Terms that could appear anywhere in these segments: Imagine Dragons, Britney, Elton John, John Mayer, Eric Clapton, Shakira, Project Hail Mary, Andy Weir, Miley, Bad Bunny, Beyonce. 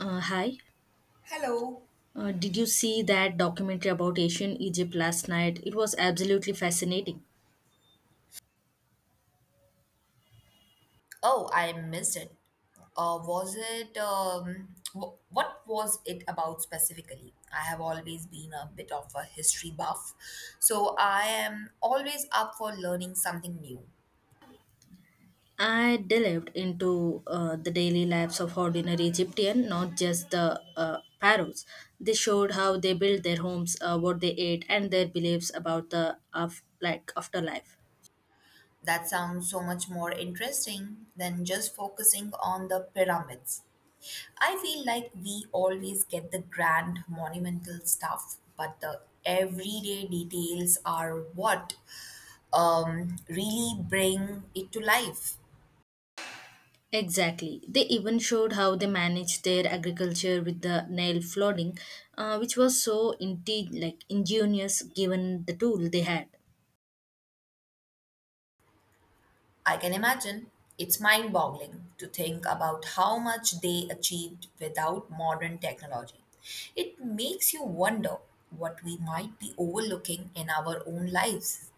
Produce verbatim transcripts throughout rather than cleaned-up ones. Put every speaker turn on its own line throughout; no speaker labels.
Uh, hi.
Hello.
Uh, did you see that documentary about ancient Egypt last night? It was absolutely fascinating.
Oh, I missed it. Uh, was it, um, w- what was it about specifically? I have always been a bit of a history buff, so I am always up for learning something new.
I delved into uh, the daily lives of ordinary Egyptian, not just the uh, pharaohs. They showed how they built their homes, uh, what they ate, and their beliefs about the of like afterlife.
That sounds so much more interesting than just focusing on the pyramids. I feel like we always get the grand monumental stuff, but the everyday details are what um, really bring it to life.
Exactly. They even showed how they managed their agriculture with the Nile flooding, uh, which was so indeed like ingenious given the tool they had.
I can imagine. It's mind boggling to think about how much they achieved without modern technology. It makes you wonder what we might be overlooking in our own lives.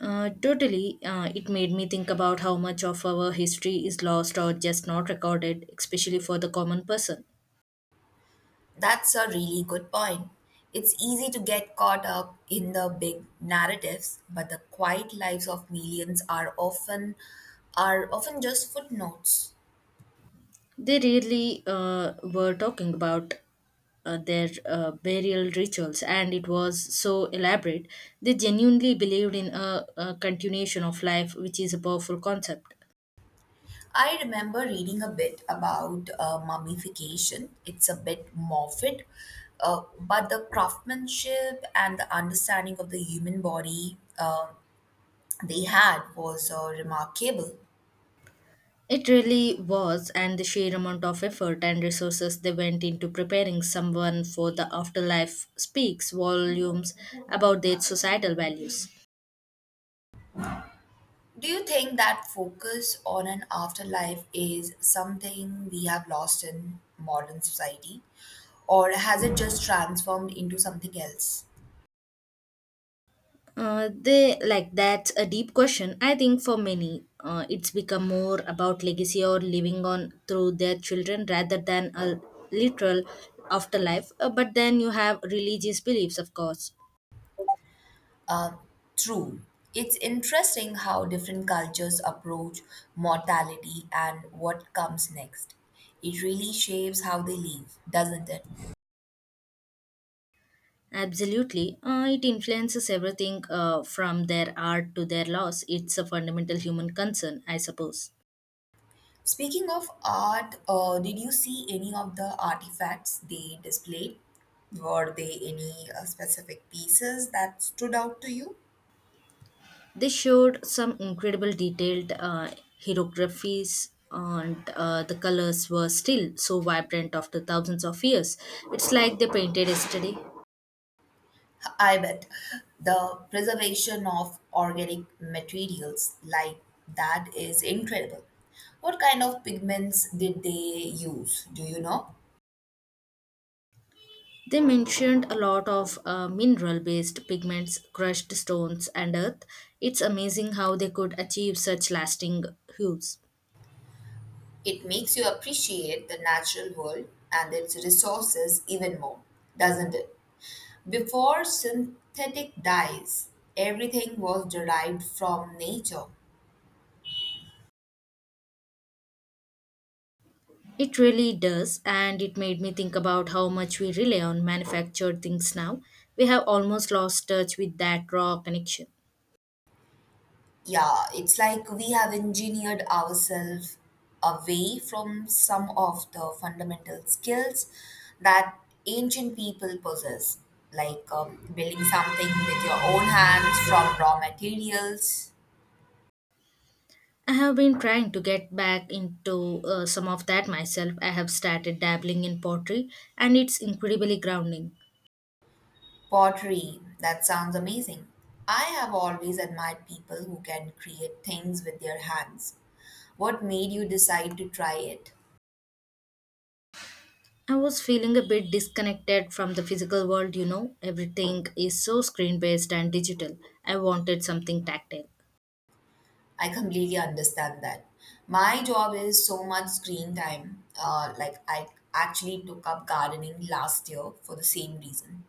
Uh, totally. Uh, it made me think about how much of our history is lost or just not recorded, especially for the common person.
That's a really good point. It's easy to get caught up in the big narratives, but the quiet lives of millions are often are often just footnotes.
They really uh, were talking about uh, their uh, burial rituals, and it was so elaborate. They genuinely believed in a, a continuation of life, which is a powerful concept.
I remember reading a bit about uh, mummification. It's a bit morbid, uh, but the craftsmanship and the understanding of the human body uh, they had was uh, remarkable.
It really was, and the sheer amount of effort and resources they went into preparing someone for the afterlife speaks volumes about their societal values.
Do you think that focus on an afterlife is something we have lost in modern society, or has it just transformed into something else?
Uh, they like that's a deep question. I think for many, uh, it's become more about legacy or living on through their children rather than a literal afterlife. Uh, but then you have religious beliefs, of course.
True. It's interesting how different cultures approach mortality and what comes next. It really shapes how they live, doesn't it?
Absolutely, uh, it influences everything uh, from their art to their loss. It's a fundamental human concern, I suppose.
Speaking of art, uh, did you see any of the artifacts they displayed? Were they any uh, specific pieces that stood out to you?
They showed some incredible detailed uh, hieroglyphs, and uh, the colors were still so vibrant after thousands of years. It's like they painted yesterday.
I bet the preservation of organic materials like that is incredible. What kind of pigments did they use? Do you know?
They mentioned a lot of uh, mineral based pigments, crushed stones, and earth. It's amazing how they could achieve such lasting hues.
It makes you appreciate the natural world and its resources even more, doesn't it? Before synthetic dyes, everything was derived from nature.
It really does, and it made me think about how much we rely on manufactured things now. We have almost lost touch with that raw connection.
Yeah, it's like we have engineered ourselves away from some of the fundamental skills that ancient people possess, like um, building something with your own hands from raw materials,
I have been trying to get back into uh, some of that myself. I have started dabbling in pottery and it's incredibly grounding.
pottery. That sounds amazing. I have always admired people who can create things with their hands. What made you decide to try it?
I was feeling a bit disconnected from the physical world, you know. Everything is so screen based and digital. I wanted something tactile.
I completely understand that. My job is so much screen time. Uh, like I actually took up gardening last year for the same reason.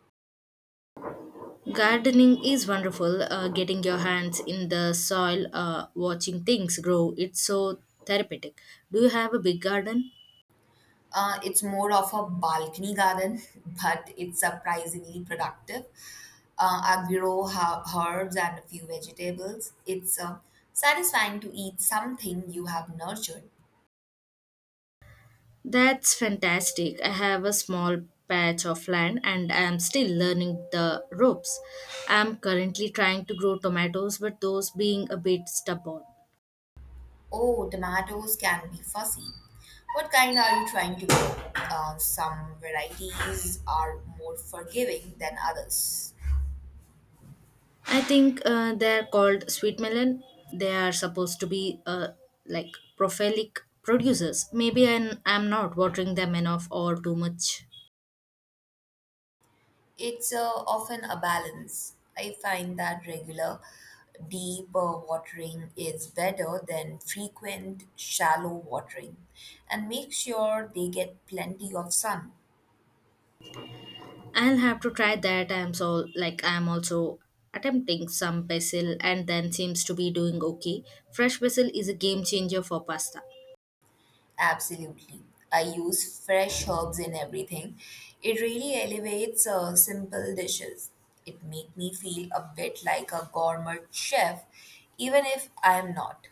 Gardening is wonderful, uh, getting your hands in the soil, uh, watching things grow. It's so therapeutic. Do you have a big garden?
Uh, it's more of a balcony garden, but it's surprisingly productive. Uh, I grow ha- herbs and a few vegetables. It's uh, satisfying to eat something you have nurtured.
That's fantastic. I have a small patch of land and I am still learning the ropes. I am currently trying to grow tomatoes, but those being a bit stubborn.
Oh, tomatoes can be fussy. What kind are you trying to grow? Uh, some varieties are more forgiving than others.
I think uh, they are called sweet melon. They are supposed to be uh, like prolific producers. Maybe I'm, I'm not watering them enough or too much.
It's uh, often a balance. I find that regular, deep uh, watering is better than frequent, shallow watering and make sure they get plenty of sun.
I'll have to try that. I'm so like I'm also attempting some basil and then seems to be doing okay. Fresh basil is a game changer for pasta.
Absolutely. I use fresh herbs in everything. It really elevates uh, simple dishes. It makes me feel a bit like a gourmet chef, even if I am not.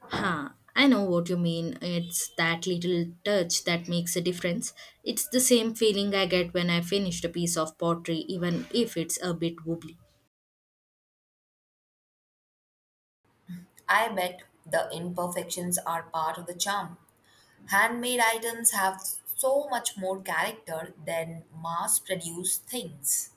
Huh, I know what you mean. It's that little touch that makes a difference. It's the same feeling I get when I finished a piece of pottery, even if it's a bit wobbly.
I bet the imperfections are part of the charm. Handmade items have so much more character than mass produced things.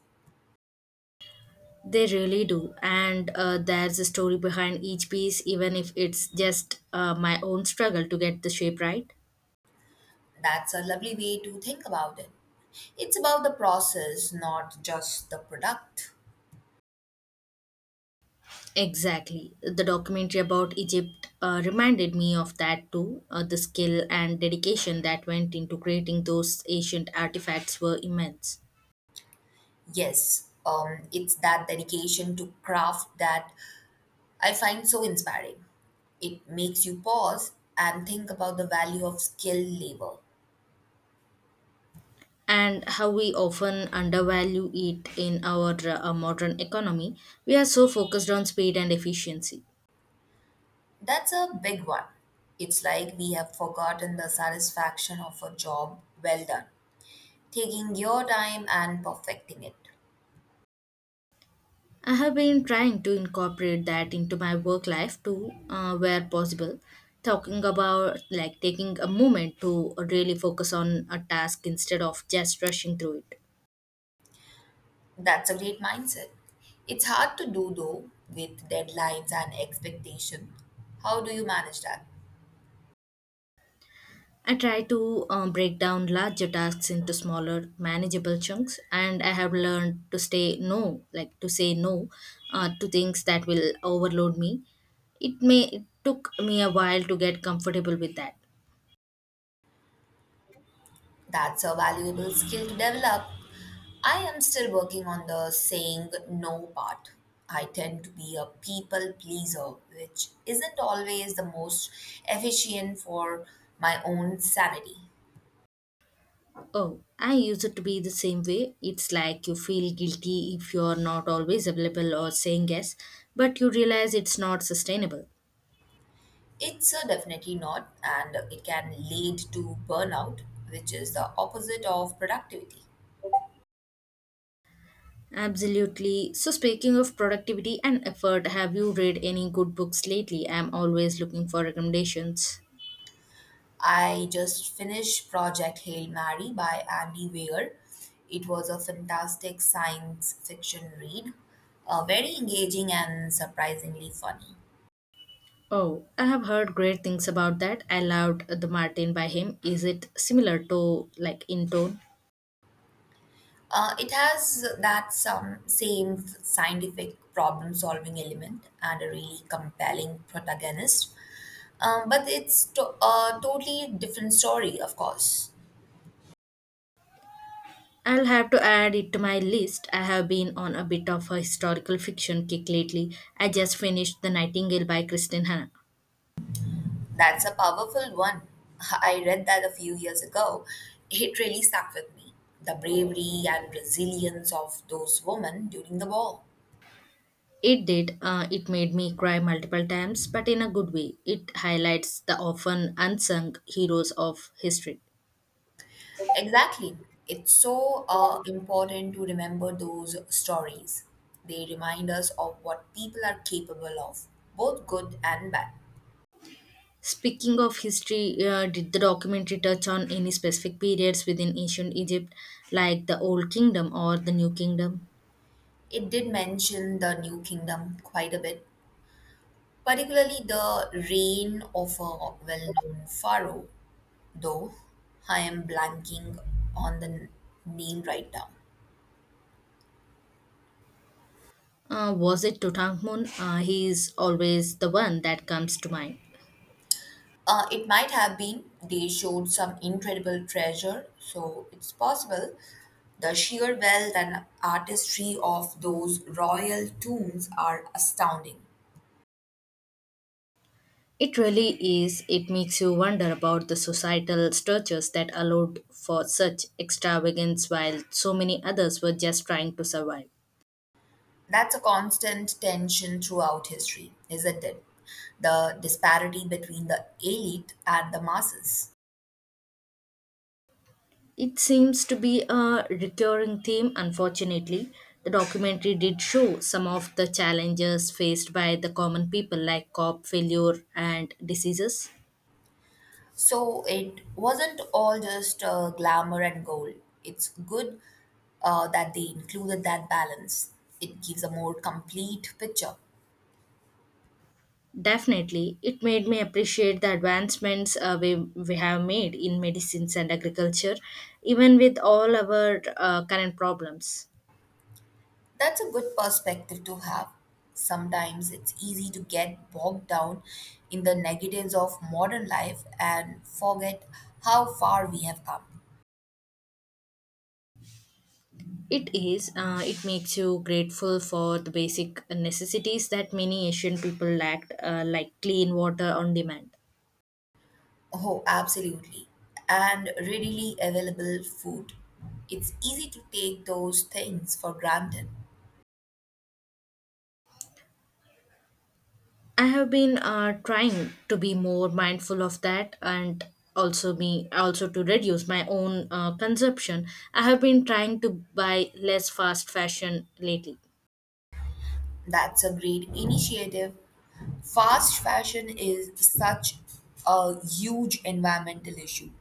They really do, and uh, there's a story behind each piece, even if it's just uh, my own struggle to get the shape right.
That's a lovely way to think about it. It's about the process, not just the product.
Exactly. The documentary about Egypt uh, reminded me of that too. Uh, the skill and dedication that went into creating those ancient artifacts were immense.
Yes, um, it's that dedication to craft that I find so inspiring. It makes you pause and think about the value of skilled labor.
And how we often undervalue it in our uh, modern economy. We are so focused on speed and efficiency.
That's a big one. It's like we have forgotten the satisfaction of a job well done, taking your time and perfecting it.
I have been trying to incorporate that into my work life too, uh, where possible. Talking about like taking a moment to really focus on a task instead of just rushing through it.
That's a great mindset. It's hard to do though with deadlines and expectation. How do you manage that?
I try to um, break down larger tasks into smaller, manageable chunks, and I have learned to stay no, like to say no uh, to things that will overload me. It may it took me a while to get comfortable with that.
That's a valuable skill to develop. I am still working on the saying no part. I tend to be a people pleaser, which isn't always the most efficient for my own sanity.
Oh, I used it to be the same way. It's like you feel guilty if you're not always available or saying yes, but you realize it's not sustainable.
It's a definitely not, and it can lead to burnout, which is the opposite of productivity.
Absolutely. So, speaking of productivity and effort, have you read any good books lately? I'm always looking for recommendations.
I just finished Project Hail Mary by Andy Weir. It was a fantastic science fiction read, uh, very engaging and surprisingly funny.
Oh, I have heard great things about that. I loved The Martin by him. Is it similar to, like, in tone?
Uh, it has that some same scientific problem solving element and a really compelling protagonist, um, but it's to- a totally different story, of course.
I'll have to add it to my list. I have been on a bit of a historical fiction kick lately. I just finished The Nightingale by Kristen Hanna.
That's a powerful one. I read that a few years ago. It really stuck with me. The bravery and resilience of those women during the war.
It did. Uh, it made me cry multiple times, but in a good way. It highlights the often unsung heroes of history.
Exactly. It's so uh, important to remember those stories. They remind us of what people are capable of, both good and bad.
Speaking of history, uh, did the documentary touch on any specific periods within ancient Egypt, like the Old Kingdom or the New Kingdom?
It did mention the New Kingdom quite a bit, particularly the reign of a well known pharaoh, though I am blanking on the n- name right now.
Uh, was it Tutankhamun? Uh, he is always the one that comes to mind.
Uh, it might have been, they showed some incredible treasure, so it's possible the sheer wealth and artistry of those royal tombs are astounding.
It really is. It makes you wonder about the societal structures that allowed for such extravagance while so many others were just trying to survive.
That's a constant tension throughout history, isn't it? The disparity between the elite and the masses.
It seems to be a recurring theme, unfortunately. The documentary did show some of the challenges faced by the common people, like crop failure and diseases.
So it wasn't all just uh, glamour and gold. It's good uh, that they included that balance. It gives a more complete picture.
Definitely, it made me appreciate the advancements uh, we, we have made in medicines and agriculture, even with all our uh, current problems.
That's a good perspective to have. Sometimes it's easy to get bogged down in the negatives of modern life and forget how far we have come.
It is, uh, it makes you grateful for the basic necessities that many Asian people lacked, uh, like clean water on demand.
Oh, absolutely. And readily available food. It's easy to take those things for granted.
I have been uh, trying to be more mindful of that and also be also to reduce my own uh, consumption. I have been trying to buy less fast fashion lately.
That's a great initiative. Fast fashion is such a huge environmental issue.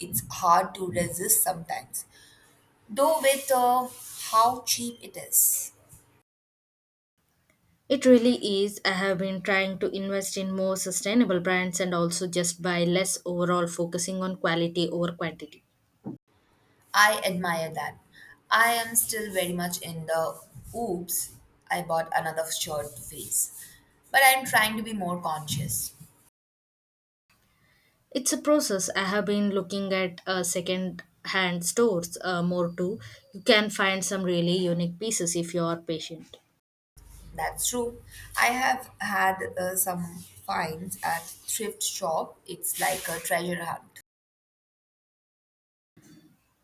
It's hard to resist sometimes, though, with uh, how cheap it is.
It really is. I have been trying to invest in more sustainable brands and also just buy less overall, focusing on quality over quantity.
I admire that. I am still very much in the oops, I bought another shirt phase. But I'm trying to be more conscious.
It's a process. I have been looking at uh, second hand stores uh, more too. You can find some really unique pieces if you are patient.
That's true. I have had uh, some finds at thrift shop. It's like a treasure hunt.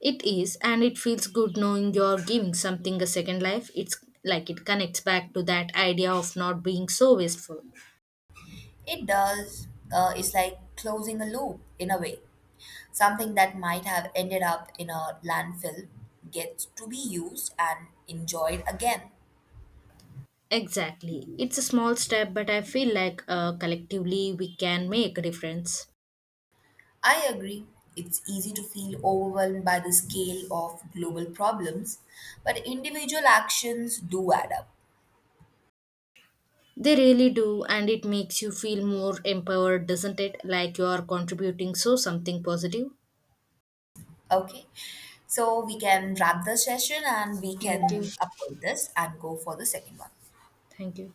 It is, and it feels good knowing you're giving something a second life. It's like it connects back to that idea of not being so wasteful.
It does. Uh, it's like closing a loop in a way. Something that might have ended up in a landfill gets to be used and enjoyed again.
Exactly. It's a small step, but I feel like uh, collectively we can make a difference.
I agree. It's easy to feel overwhelmed by the scale of global problems, but individual actions do add up.
They really do, and it makes you feel more empowered, doesn't it? Like you are contributing so something positive.
Okay, so we can wrap the session and we
Thank you.
can upload this and go for the second one.
Thank you.